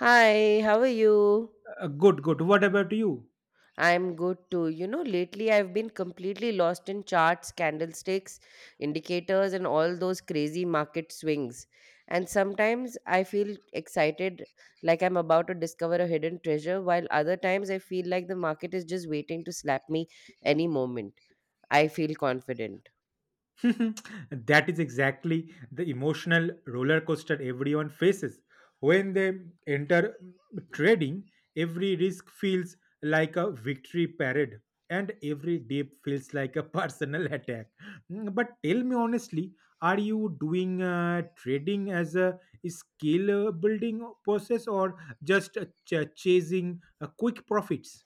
Hi, how are you? Good, good. What about you? I'm good too. You know, lately I've been completely lost in charts, candlesticks, indicators, and all those crazy market swings. And sometimes I feel excited, like I'm about to discover a hidden treasure, while other times I feel like the market is just waiting to slap me any moment. I feel confident. That is exactly the emotional roller coaster everyone faces. When they enter trading, every risk feels like a victory parade and every dip feels like a personal attack. But tell me honestly, are you doing trading as a skill building process or just chasing quick profits?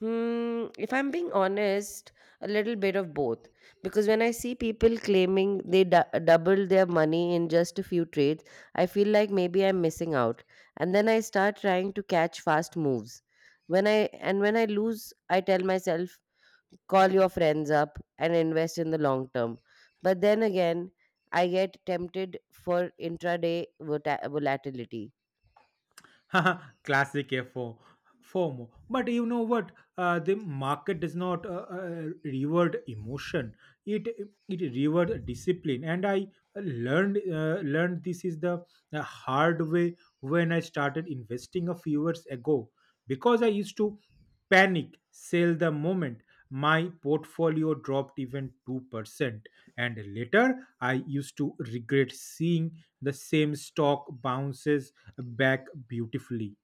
Hmm, if I'm being honest, a little bit of both. Because when I see people claiming they double their money in just a few trades, I feel like maybe I'm missing out. And then I start trying to catch fast moves. When I and when I lose, I tell myself, call your friends up and invest in the long term. But then again, I get tempted for intraday volatility. Classic FOMO. But you know what? The market does not reward emotion. It it reward discipline. And I learned this is the hard way when I started investing a few years ago because I used to panic sell the moment my portfolio dropped even 2%, and later I used to regret seeing the same stock bounces back beautifully.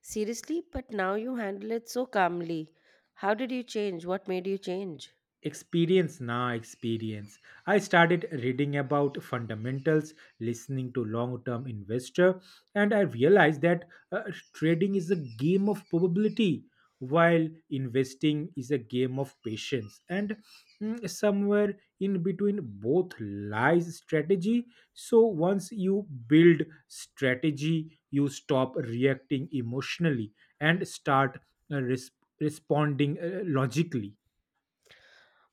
Seriously, but now you handle it so calmly. How did you change? What made you change? Experience na experience, I started reading about fundamentals, listening to long term investor, and I realized that uh, trading is a game of probability while investing is a game of patience and, somewhere in between both lies strategy. So once you build strategy you stop reacting emotionally and start uh, res- responding logically.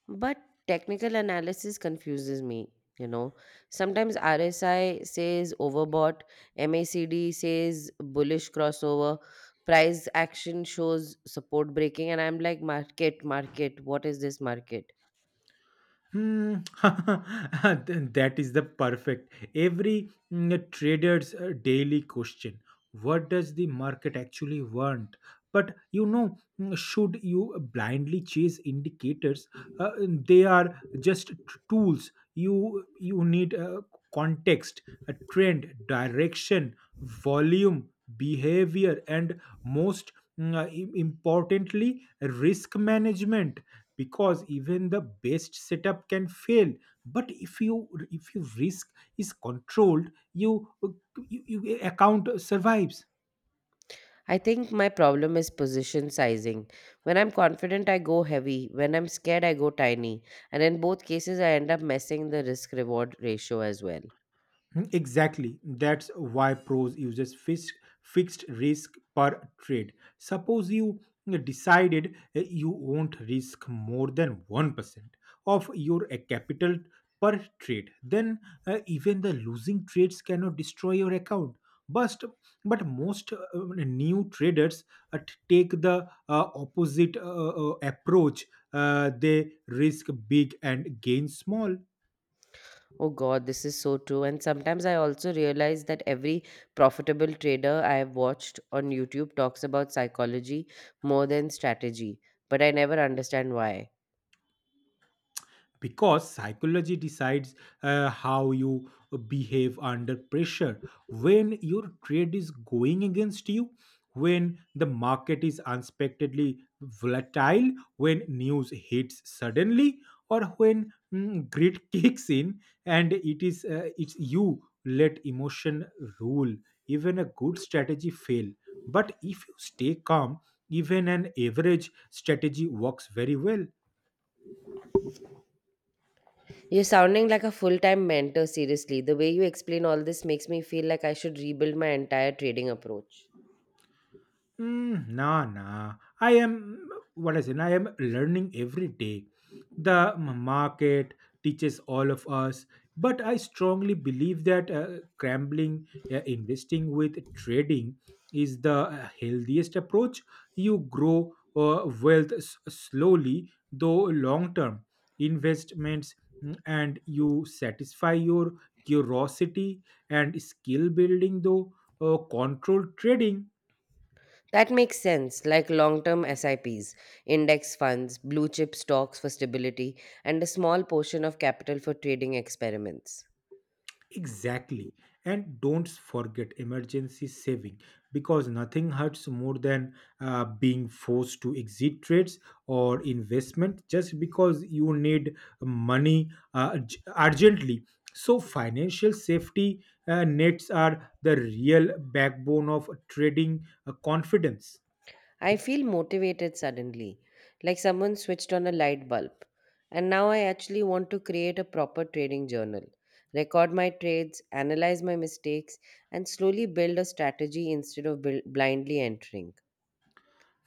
But technical analysis confuses me, you know. Sometimes RSI says overbought, MACD says bullish crossover, price action shows support breaking, and I'm like, market, market, what is this market? Hmm, then that is the perfect. Every trader's daily question. What does the market actually want? But you know, should you blindly chase indicators? They are just tools. You need context, a trend, direction, volume, behavior, and most importantly, risk management, because even the best setup can fail, but if your risk is controlled you account survives. I think my problem is position sizing. When I'm confident, I go heavy. When I'm scared, I go tiny. And in both cases, I end up messing the risk reward ratio as well. Exactly. That's why pros uses fixed risk per trade. Suppose you decided you won't risk more than 1% of your capital per trade, then even the losing trades cannot destroy your account. But but most new traders uh, take the opposite approach. They risk big and gain small. Oh God, this is so true. And sometimes I also realize that every profitable trader I have watched on YouTube talks about psychology more than strategy. But I never understand why. Because psychology decides how you behave under pressure, when your trade is going against you, when the market is unexpectedly volatile, when news hits suddenly, or when, grit kicks in. And it is, it's you let emotion rule, even a good strategy fail. But if you stay calm, even an average strategy works very well. You're sounding like a full time mentor, seriously. The way you explain all this makes me feel like I should rebuild my entire trading approach. Nah, nah. I am what I say. I am learning every day. The market teaches all of us, but I strongly believe that scrambling, investing with trading is the healthiest approach. You grow wealth slowly, though long term investments, and you satisfy your curiosity and skill building, though controlled trading. That makes sense, like long term SIPs, index funds, blue chip stocks for stability, and a small portion of capital for trading experiments. Exactly. And don't forget emergency saving, because nothing hurts more than being forced to exit trades or investment just because you need money urgently. So, financial safety nets are the real backbone of trading confidence. I feel motivated suddenly, like someone switched on a light bulb. And now I actually want to create a proper trading journal, record my trades, analyze my mistakes, and slowly build a strategy instead of blindly entering.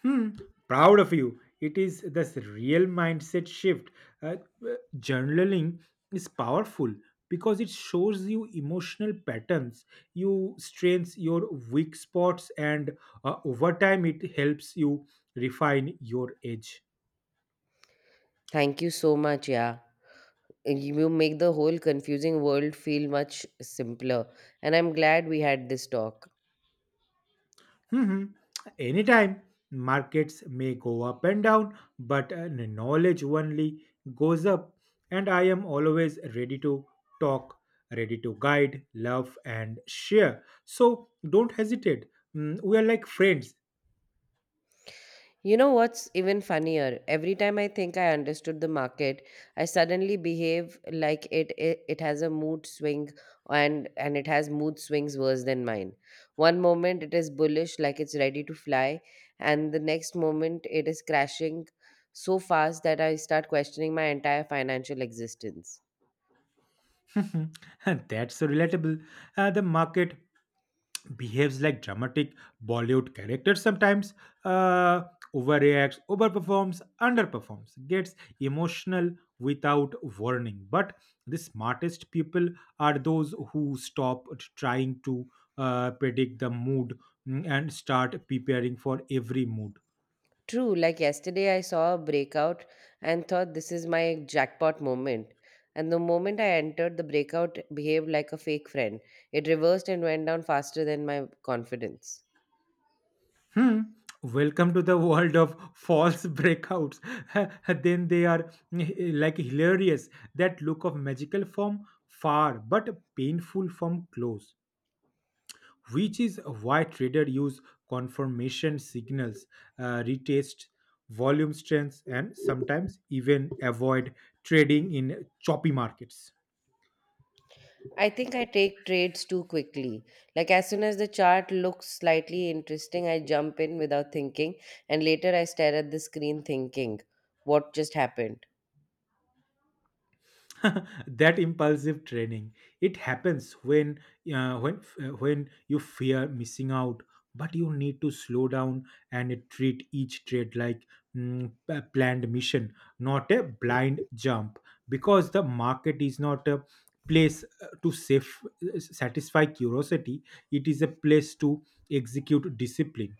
Hmm, Proud of you. It is this real mindset shift. Uh, uh, Journaling is powerful because it shows you emotional patterns, you strengths, your weak spots, and over time it helps you refine your edge. Thank you so much, yeah. You will make the whole confusing world feel much simpler. And I'm glad we had this talk. Mhm. Anytime markets may go up and down, but knowledge only goes up. And I am always ready to talk, ready to guide, love, and share. So don't hesitate. We are like friends. You know what's even funnier? Every time I think I understood the market, I suddenly behave like it has a mood swing, and it has mood swings worse than mine. One moment it is bullish like it's ready to fly, and the next moment it is crashing so fast that I start questioning my entire financial existence. That's so relatable. The market behaves like dramatic Bollywood characters sometimes, uh, overreacts, overperforms, underperforms, gets emotional without warning. But the smartest people are those who stop trying to predict the mood, and start preparing for every mood. True, like yesterday, I saw a breakout and thought this is my jackpot moment. And the moment I entered, the breakout behaved like a fake friend. It reversed and went down faster than my confidence. Hmm. Welcome to the world of false breakouts. Then they are like hilarious. That look of magical from far, but painful from close. Which is why traders use confirmation signals, retest, volume strengths, and sometimes even avoid trading in choppy markets. I think I take trades too quickly. Like, as soon as the chart looks slightly interesting, I jump in without thinking, and later I stare at the screen thinking, what just happened? That impulsive training, it happens when, uh, when when you fear missing out, but you need to slow down and treat each trade like, a planned mission, not a blind jump, because the market is not a place to safe, satisfy curiosity. It is a place to execute discipline.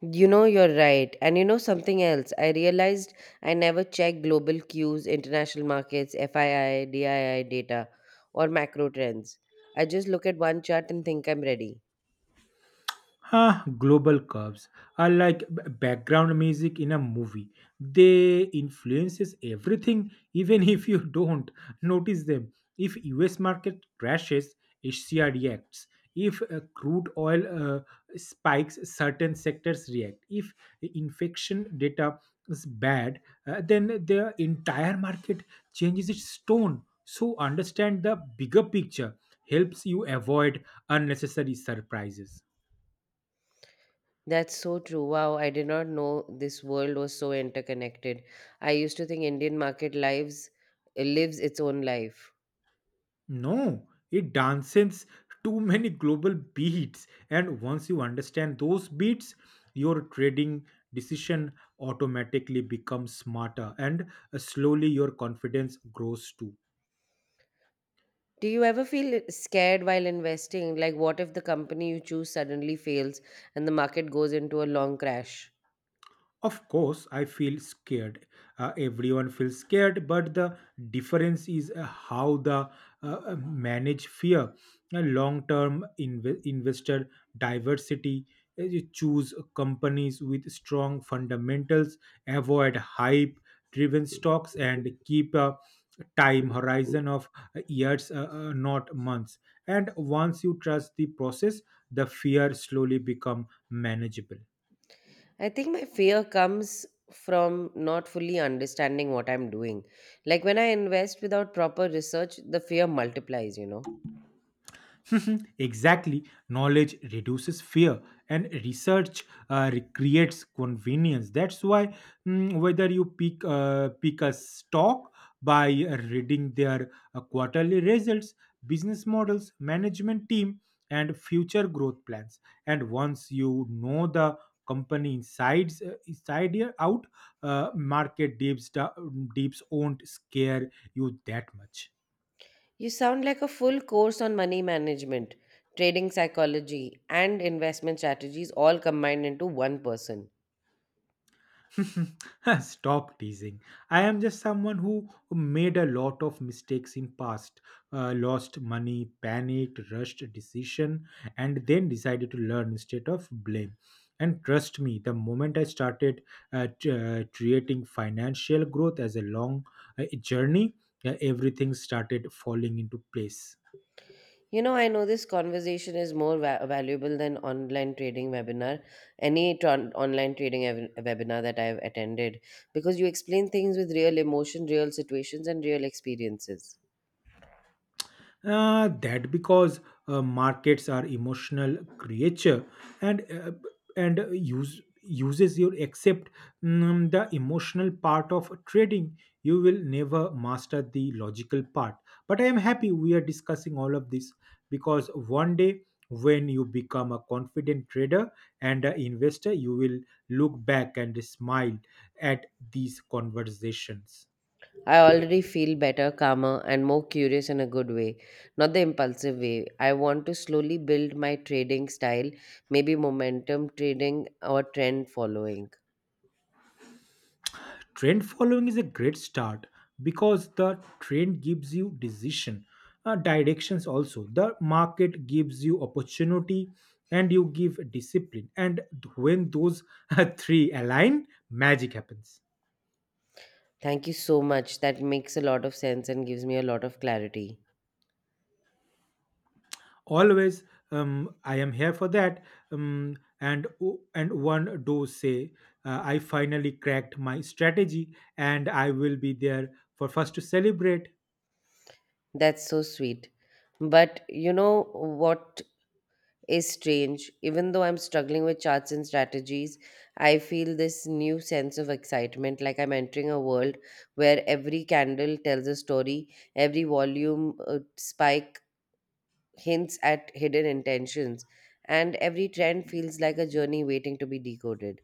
You know, you're right. And you know something else? I realized I never check global cues, international markets, FII, DII data, or macro trends. I just look at one chart and think I'm ready. Global curves are like background music in a movie. They influences everything, even if you don't notice them. If U.S. market crashes, Asia reacts. If crude oil spikes, certain sectors react. If infection data is bad, then the entire market changes its tone. So understand the bigger picture helps you avoid unnecessary surprises. That's so true. Wow, I did not know this world was so interconnected. I used to think Indian market lives lives its own life. No, it dances too many global beats, and once you understand those beats, your trading decision automatically becomes smarter, and slowly your confidence grows too. Do you ever feel scared while investing? Like what if the company you choose suddenly fails and the market goes into a long crash? Of course, I feel scared. Everyone feels scared, but the difference is how the manage fear. A long-term investor diversity. You choose companies with strong fundamentals, avoid hype-driven stocks, and keep a time horizon of years, not months. And once you trust the process, the fear slowly become manageable. I think my fear comes from not fully understanding what I'm doing. Like when I invest without proper research, the fear multiplies, you know. Exactly. Knowledge reduces fear, and research recreates convenience. That's why, whether you pick a stock by reading their quarterly results, business models, management team, and future growth plans, and once you know the company inside here out, market dips won't scare you that much. You sound like a full course on money management, trading psychology, and investment strategies all combined into one person. Stop teasing. I am just someone who made a lot of mistakes in past, lost money, panicked, rushed a decision, and then decided to learn instead of blame. And trust me, the moment I started creating financial growth as a long journey, everything started falling into place. You know, I know this conversation is more valuable than online trading webinar, any tran online trading webinar that I've attended, because you explain things with real emotion, real situations, and real experiences. That because markets are emotional creature, and use uses your accept, the emotional part of trading, you will never master the logical part. But I am happy we are discussing all of this, because one day when you become a confident trader and an investor, you will look back and smile at these conversations. I already feel better, calmer, and more curious in a good way, not the impulsive way. I want to slowly build my trading style, maybe momentum trading or trend following. Trend following is a great start, because the trend gives you decision directions, also the market gives you opportunity, and you give discipline, and when those three align, magic happens. Thank you so much. That makes a lot of sense and gives me a lot of clarity. Always, I am here for that, um, and and one do say I finally cracked my strategy, and I will be there for first to celebrate. That's so sweet. But you know what is strange. Even though I'm struggling with charts and strategies, I feel this new sense of excitement like I'm entering a world where every candle tells a story, every volume spike hints at hidden intentions, and every trend feels like a journey waiting to be decoded.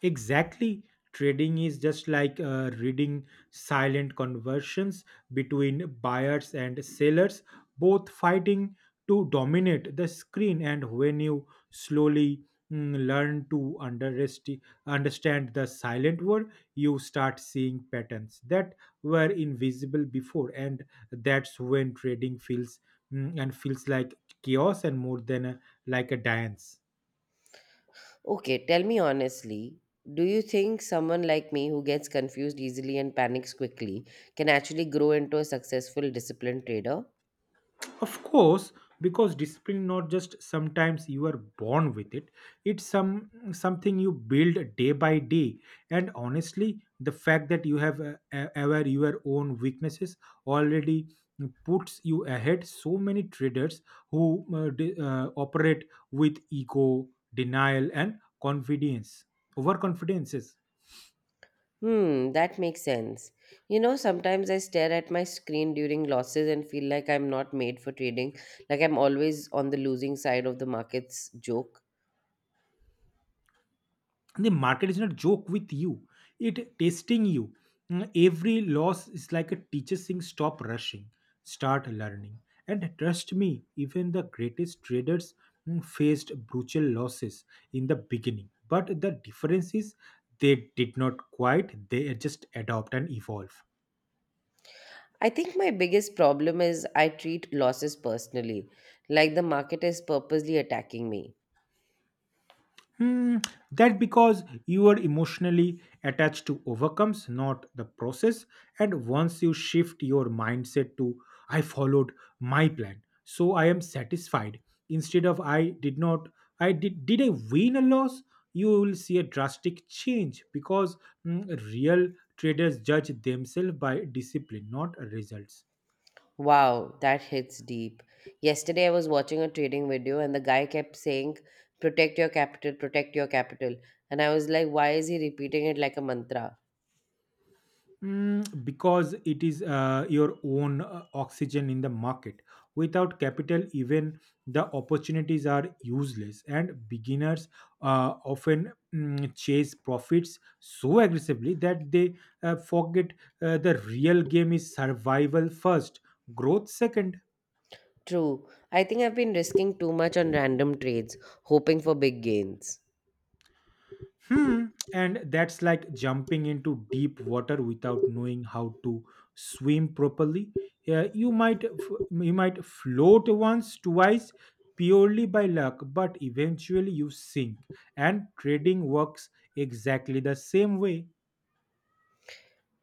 Exactly. Trading is just like reading silent conversions between buyers and sellers, both fighting to dominate the screen. And when you slowly mm, learn to underesti- understand the silent word, you start seeing patterns that were invisible before. And that's when trading feels, mm, and feels like chaos and more than a, like a dance. Okay, tell me honestly. Do you think someone like me who gets confused easily and panics quickly can actually grow into a successful, disciplined trader? Of course, because discipline not just sometimes you are born with it, it's some something you build day by day. And honestly, the fact that you have aware your own weaknesses already puts you ahead so many traders who operate with ego, denial, and confidence overconfidences. Hmm, that makes sense. You know, sometimes I stare at my screen during losses and feel like I'm not made for trading, like I'm always on the losing side of the market's joke. The market is not joke with you, it testing you. Every loss is like a teacher saying stop rushing, start learning. And trust me, even the greatest traders faced brutal losses in the beginning, but the difference is they did not quite, they just adopt and evolve. I think my biggest problem is I treat losses personally, like the market is purposely attacking me. Hmm, that because you are emotionally attached to overcomes, not the process. And once you shift your mindset to, I followed my plan, so I am satisfied, instead of, I did not, did I win a loss? You will see a drastic change, because real traders judge themselves by discipline, not results. Wow, that hits deep. Yesterday I was watching a trading video and the guy kept saying, protect your capital, protect your capital. And I was like, why is he repeating it like a mantra? Because it is your own oxygen in the market. Without capital, even the opportunities are useless, and beginners often chase profits so aggressively that they forget the real game is survival first, growth second. True. I think I've been risking too much on random trades, hoping for big gains. Hmm. And that's like jumping into deep water without knowing how to swim properly. Yeah, you might you might float once, twice, purely by luck, but eventually you sink. And trading works exactly the same way.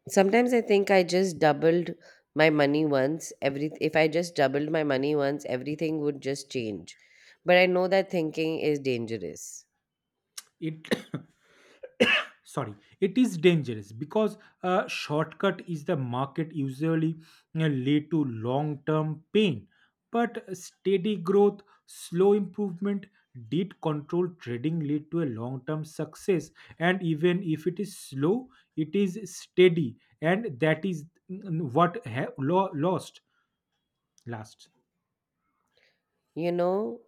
Sometimes I think I just doubled my money once. Every if I just doubled my money once, everything would just change. But I know that thinking is dangerous. It sorry, it is dangerous because a shortcut is the market usually lead to long term pain. But steady growth, slow improvement, did control trading lead to a long term success. And even if it is slow, it is steady, and that is mm, what ha- lo- lost last. You know,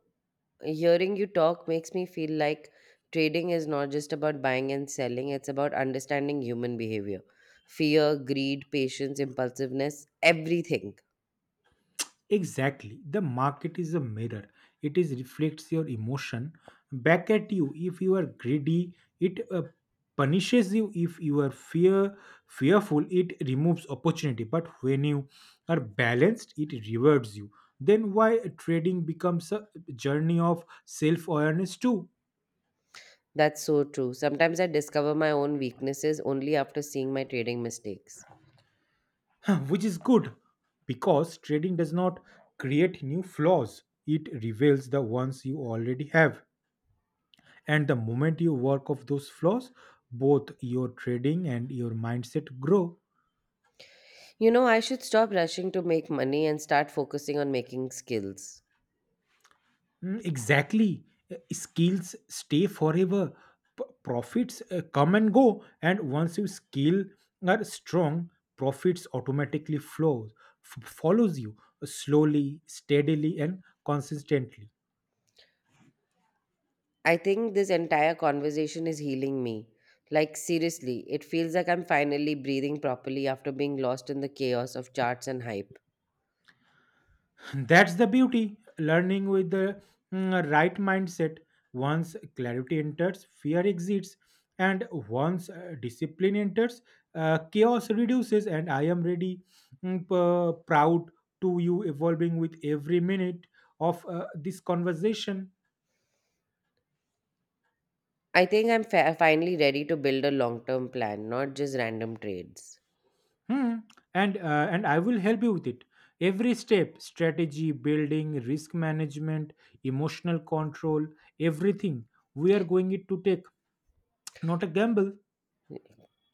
hearing you talk makes me feel like trading is not just about buying and selling, it's about understanding human behavior. Fear, greed, patience, impulsiveness, everything. Exactly. The market is a mirror. It is reflects your emotion back at you. If you are greedy, it punishes you. If you are fearful, it removes opportunity. But when you are balanced, it rewards you. Then why trading becomes a journey of self awareness too. That's so true. Sometimes I discover my own weaknesses only after seeing my trading mistakes. Which is good, because trading does not create new flaws. It reveals the ones you already have. And the moment you work off those flaws, both your trading and your mindset grow. You know, I should stop rushing to make money and start focusing on making skills. Exactly. Skills stay forever. Profits come and go. And once you skill are strong, profits automatically flows, follows you slowly, steadily, and consistently. I think this entire conversation is healing me. Like, seriously, it feels like I'm finally breathing properly after being lost in the chaos of charts and hype. That's the beauty. Learning with the right mindset. Once clarity enters, fear exits. And once discipline enters, chaos reduces. And I am ready, proud to you evolving with every minute of this conversation. I think I'm finally ready to build a long term plan, not just random trades. Hmm. And I will help you with it. Every step strategy, building, risk management, emotional control, everything we are going it to take, not a gamble.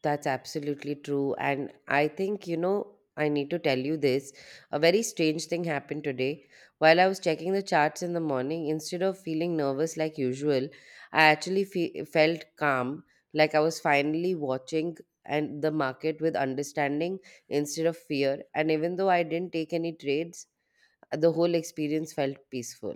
That's absolutely true. And I think, you know, I need to tell you this. A very strange thing happened today. While I was checking the charts in the morning, instead of feeling nervous like usual, I actually felt calm, like I was finally watching and the market with understanding instead of fear. And even though I didn't take any trades, the whole experience felt peaceful.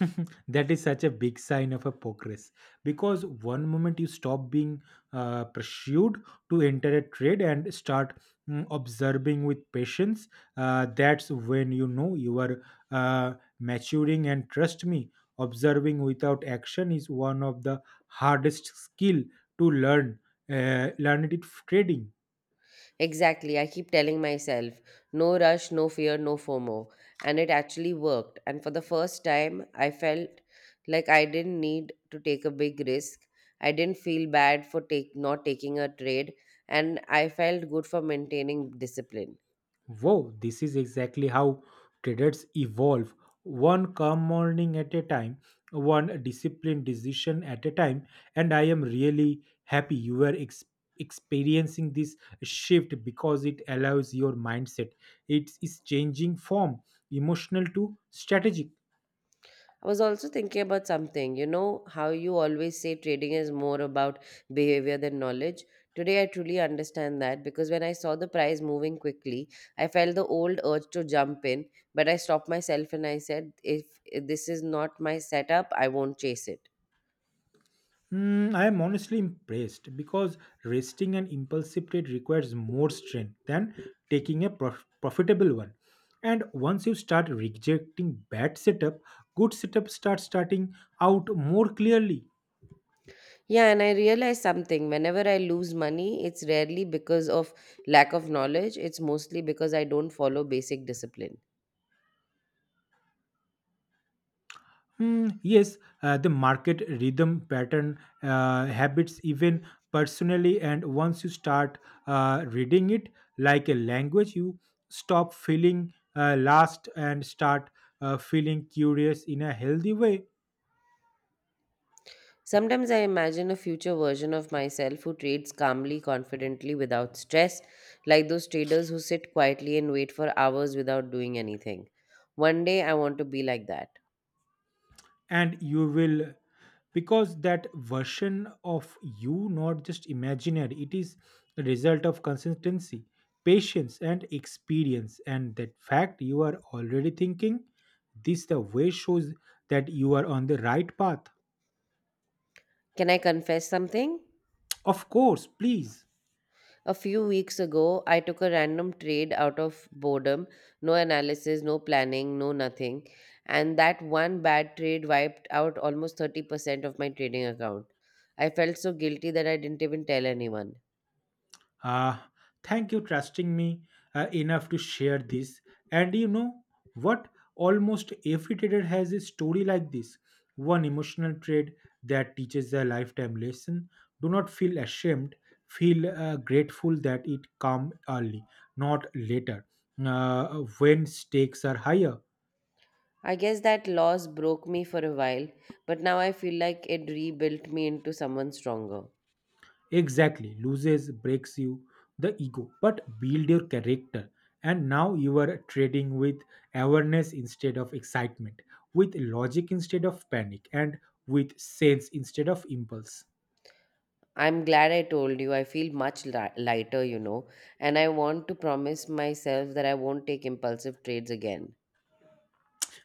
That is such a big sign of a progress because one moment you stop being pursued to enter a trade and start observing with patience that's when you know you are uh, maturing, and trust me, observing without action is one of the hardest skill to learn learn it in trading. Exactly. I keep telling myself, no rush, no fear, no FOMO. And it actually worked. And for the first time, I felt like I didn't need to take a big risk. I didn't feel bad for take, not taking a trade. And I felt good for maintaining discipline. Wow, this is exactly how traders evolve. One calm morning at a time, one disciplined decision at a time. And I am really happy you were experiencing this shift because it allows your mindset. It is changing from emotional to strategic. I was also thinking about something. You know how you always say trading is more about behavior than knowledge? Today, I truly understand that because when I saw the price moving quickly, I felt the old urge to jump in, but I stopped myself and I said, if this is not my setup, I won't chase it. I am honestly impressed because resting an impulsive trade requires more strength than taking a profitable one. And once you start rejecting bad setup, good setup starts starting out more clearly. Yeah, and I realized something. Whenever I lose money, it's rarely because of lack of knowledge, it's mostly because I don't follow basic discipline. Hmm, yes, the market rhythm, pattern, habits, even personally, and once you start reading it like a language, you stop feeling lost and start feeling curious in a healthy way. Sometimes I imagine a future version of myself who trades calmly, confidently, without stress, like those traders who sit quietly and wait for hours without doing anything. One day I want to be like that. And you will, because that version of you not just imaginary, it is a result of consistency, patience and experience, and that fact you are already thinking this the way shows that you are on the right path. Can I confess something? Of course, please. A few weeks ago, I took a random trade out of boredom, no analysis, no planning, no nothing. And that one bad trade wiped out almost 30% of my trading account. I felt so guilty that I didn't even tell anyone. Uh, thank you trusting me enough to share this. And you know what? Almost every trader has a story like this. One emotional trade that teaches a lifetime lesson. Do not feel ashamed. Feel grateful that it come early, not later, when stakes are higher. I guess that loss broke me for a while, but now I feel like it rebuilt me into someone stronger. Exactly, loses breaks you the ego, but build your character. And now you are trading with awareness instead of excitement, with logic instead of panic, and with sense instead of impulse. I'm glad I told you. I feel much lighter, you know, and I want to promise myself that I won't take impulsive trades again.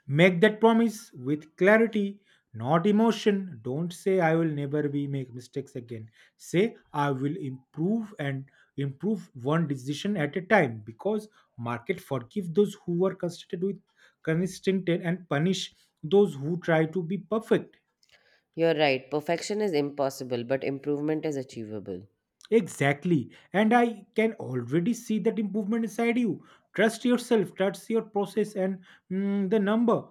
Make that promise with clarity, not emotion. Don't say I will never be make mistakes again. Say I will improve and improve one decision at a time, because market forgive those who are consistent with consistent and punish those who try to be perfect. You're right, perfection is impossible, but improvement is achievable. Exactly. And I can already see that improvement inside you. Trust yourself, trust your process and the number.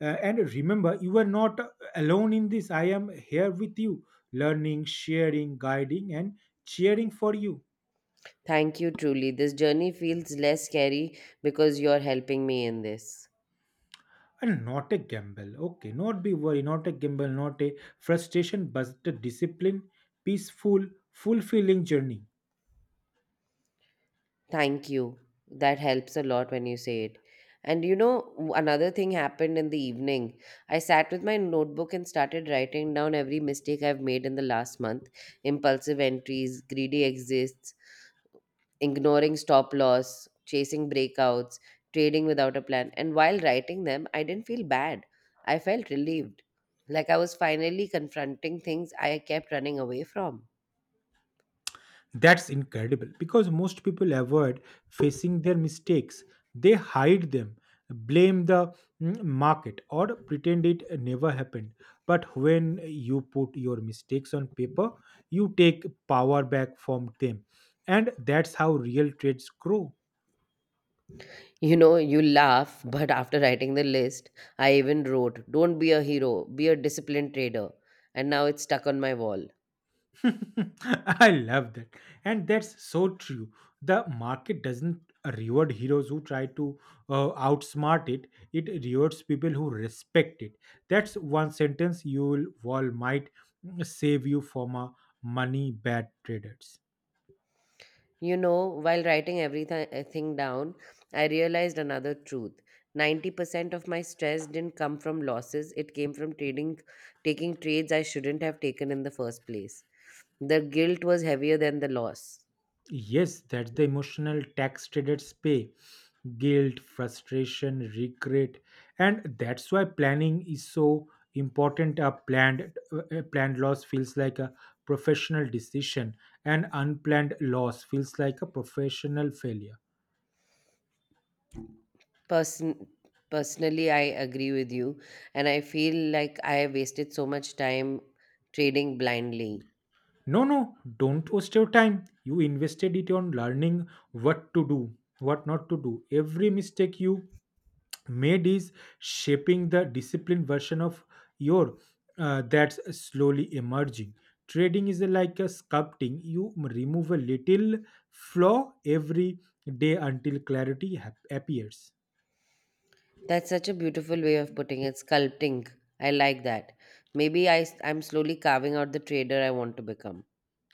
And remember, you are not alone in this. I am here with you, learning, sharing, guiding, and cheering for you. Thank you, truly. This journey feels less scary because you're helping me in this. And not a gamble. Okay, not be worried, not a gamble, not a frustration, but a discipline, peaceful, fulfilling journey. Thank you. That helps a lot when you say it. And you know, another thing happened in the evening. I sat with my notebook and started writing down every mistake I've made in the last month: impulsive entries, greedy exits, ignoring stop loss, chasing breakouts, trading without a plan. And while writing them, I didn't feel bad. I felt relieved. Like I was finally confronting things I kept running away from. That's incredible because most people avoid facing their mistakes. They hide them, blame the market, or pretend it never happened. But when you put your mistakes on paper, you take power back from them. And that's how real trades grow. You know, you laugh, but after writing the list, I even wrote, don't be a hero, be a disciplined trader. And now it's stuck on my wall. I love that. And that's so true. The market doesn't reward heroes who try to outsmart it, it rewards people who respect it. That's one sentence you will all might save you from a money bad traders. You know, while writing everything down, I realized another truth. 90% of my stress didn't come from losses, it came from trading, taking trades I shouldn't have taken in the first place. The guilt was heavier than the loss. Yes, that's the emotional tax traders pay, guilt, frustration, regret, and that's why planning is so important. A planned loss feels like a professional decision, and unplanned loss feels like a professional failure. Person- Personally, I agree with you, and I feel like I have wasted so much time trading blindly. No, no, don't waste your time. You invested it on learning what to do, what not to do. Every mistake you made is shaping the disciplined version of your that's slowly emerging. Trading is like a sculpting. You remove a little flaw every day until clarity appears. That's such a beautiful way of putting it, sculpting. I like that. Maybe I am slowly carving out the trader I want to become.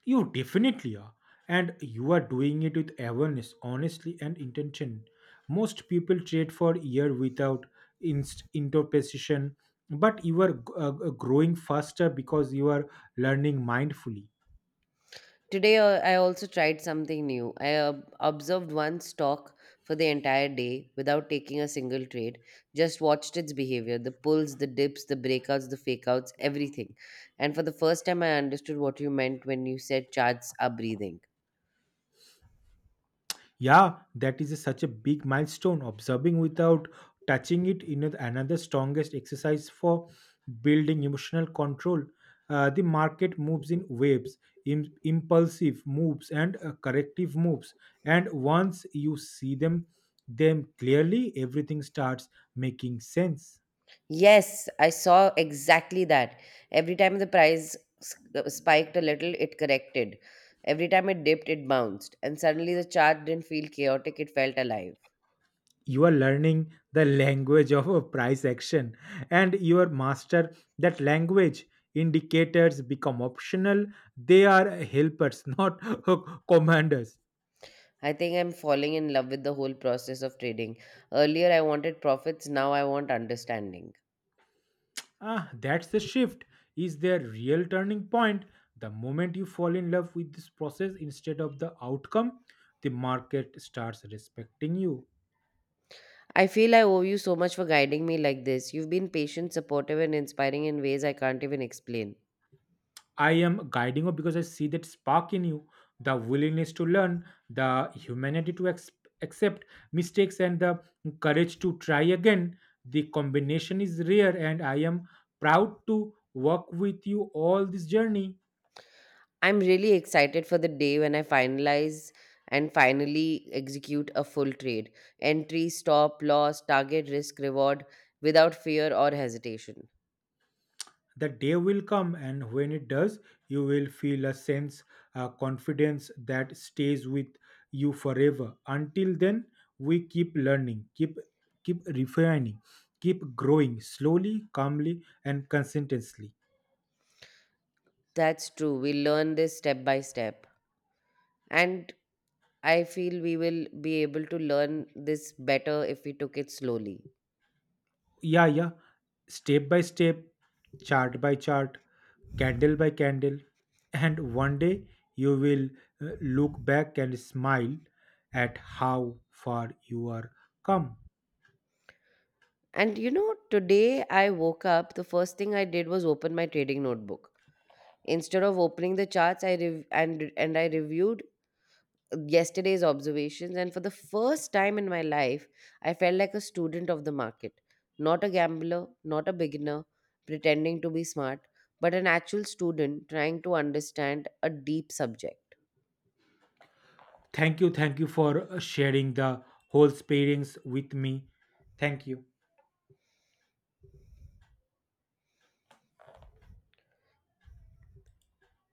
You definitely are. And you are doing it with awareness, honestly, and intention. Most people trade for year without interpretation, but you are growing faster because you are learning mindfully. Today, I also tried something new. I observed one stock for the entire day without taking a single trade, just watched its behavior: the pulls, the dips, the breakouts, the fakeouts, everything. And for the first time, I understood what you meant when you said charts are breathing. Yeah, that is such a big milestone. Observing without touching it in another strongest exercise for building emotional control. The market moves in waves, impulsive moves and corrective moves. And once you see them clearly, everything starts making sense. Yes, I saw exactly that. Every time the price spiked a little, it corrected. Every time it dipped, it bounced. And suddenly the chart didn't feel chaotic, it felt alive. You are learning the language of a price action, and your master that language, indicators become optional. They are helpers, not commanders. I think I'm falling in love with the whole process of trading. Earlier, I wanted profits, now I want understanding. Ah, that's the shift, is their real turning point. The moment you fall in love with this process instead of the outcome, the market starts respecting you. I feel I owe you so much for guiding me like this. You've been patient, supportive, and inspiring in ways I can't even explain. I am guiding you because I see that spark in you, the willingness to learn, the humanity to accept mistakes, and the courage to try again. The combination is rare, and I am proud to work with you all this journey. I'm really excited for the day when I finalize and finally execute a full trade. Entry, stop, loss, target, risk, reward without fear or hesitation. The day will come, and when it does you will feel a sense confidence that stays with you forever. Until then we keep learning, keep refining, keep growing, slowly, calmly and consistently. That's true. We learn this step by step. And I feel we will be able to learn this better if we took it slowly. Yeah, yeah, step by step, chart by chart, candle by candle, and one day you will look back and smile at how far you are come. And you know, today I woke up, the first thing I did was open my trading notebook. Instead of opening the charts I rev- and I reviewed yesterday's observations, and for the first time in my life, I felt like a student of the market, not a gambler, not a beginner pretending to be smart, but an actual student trying to understand a deep subject. Thank you. Thank you for sharing the whole experience with me. Thank you.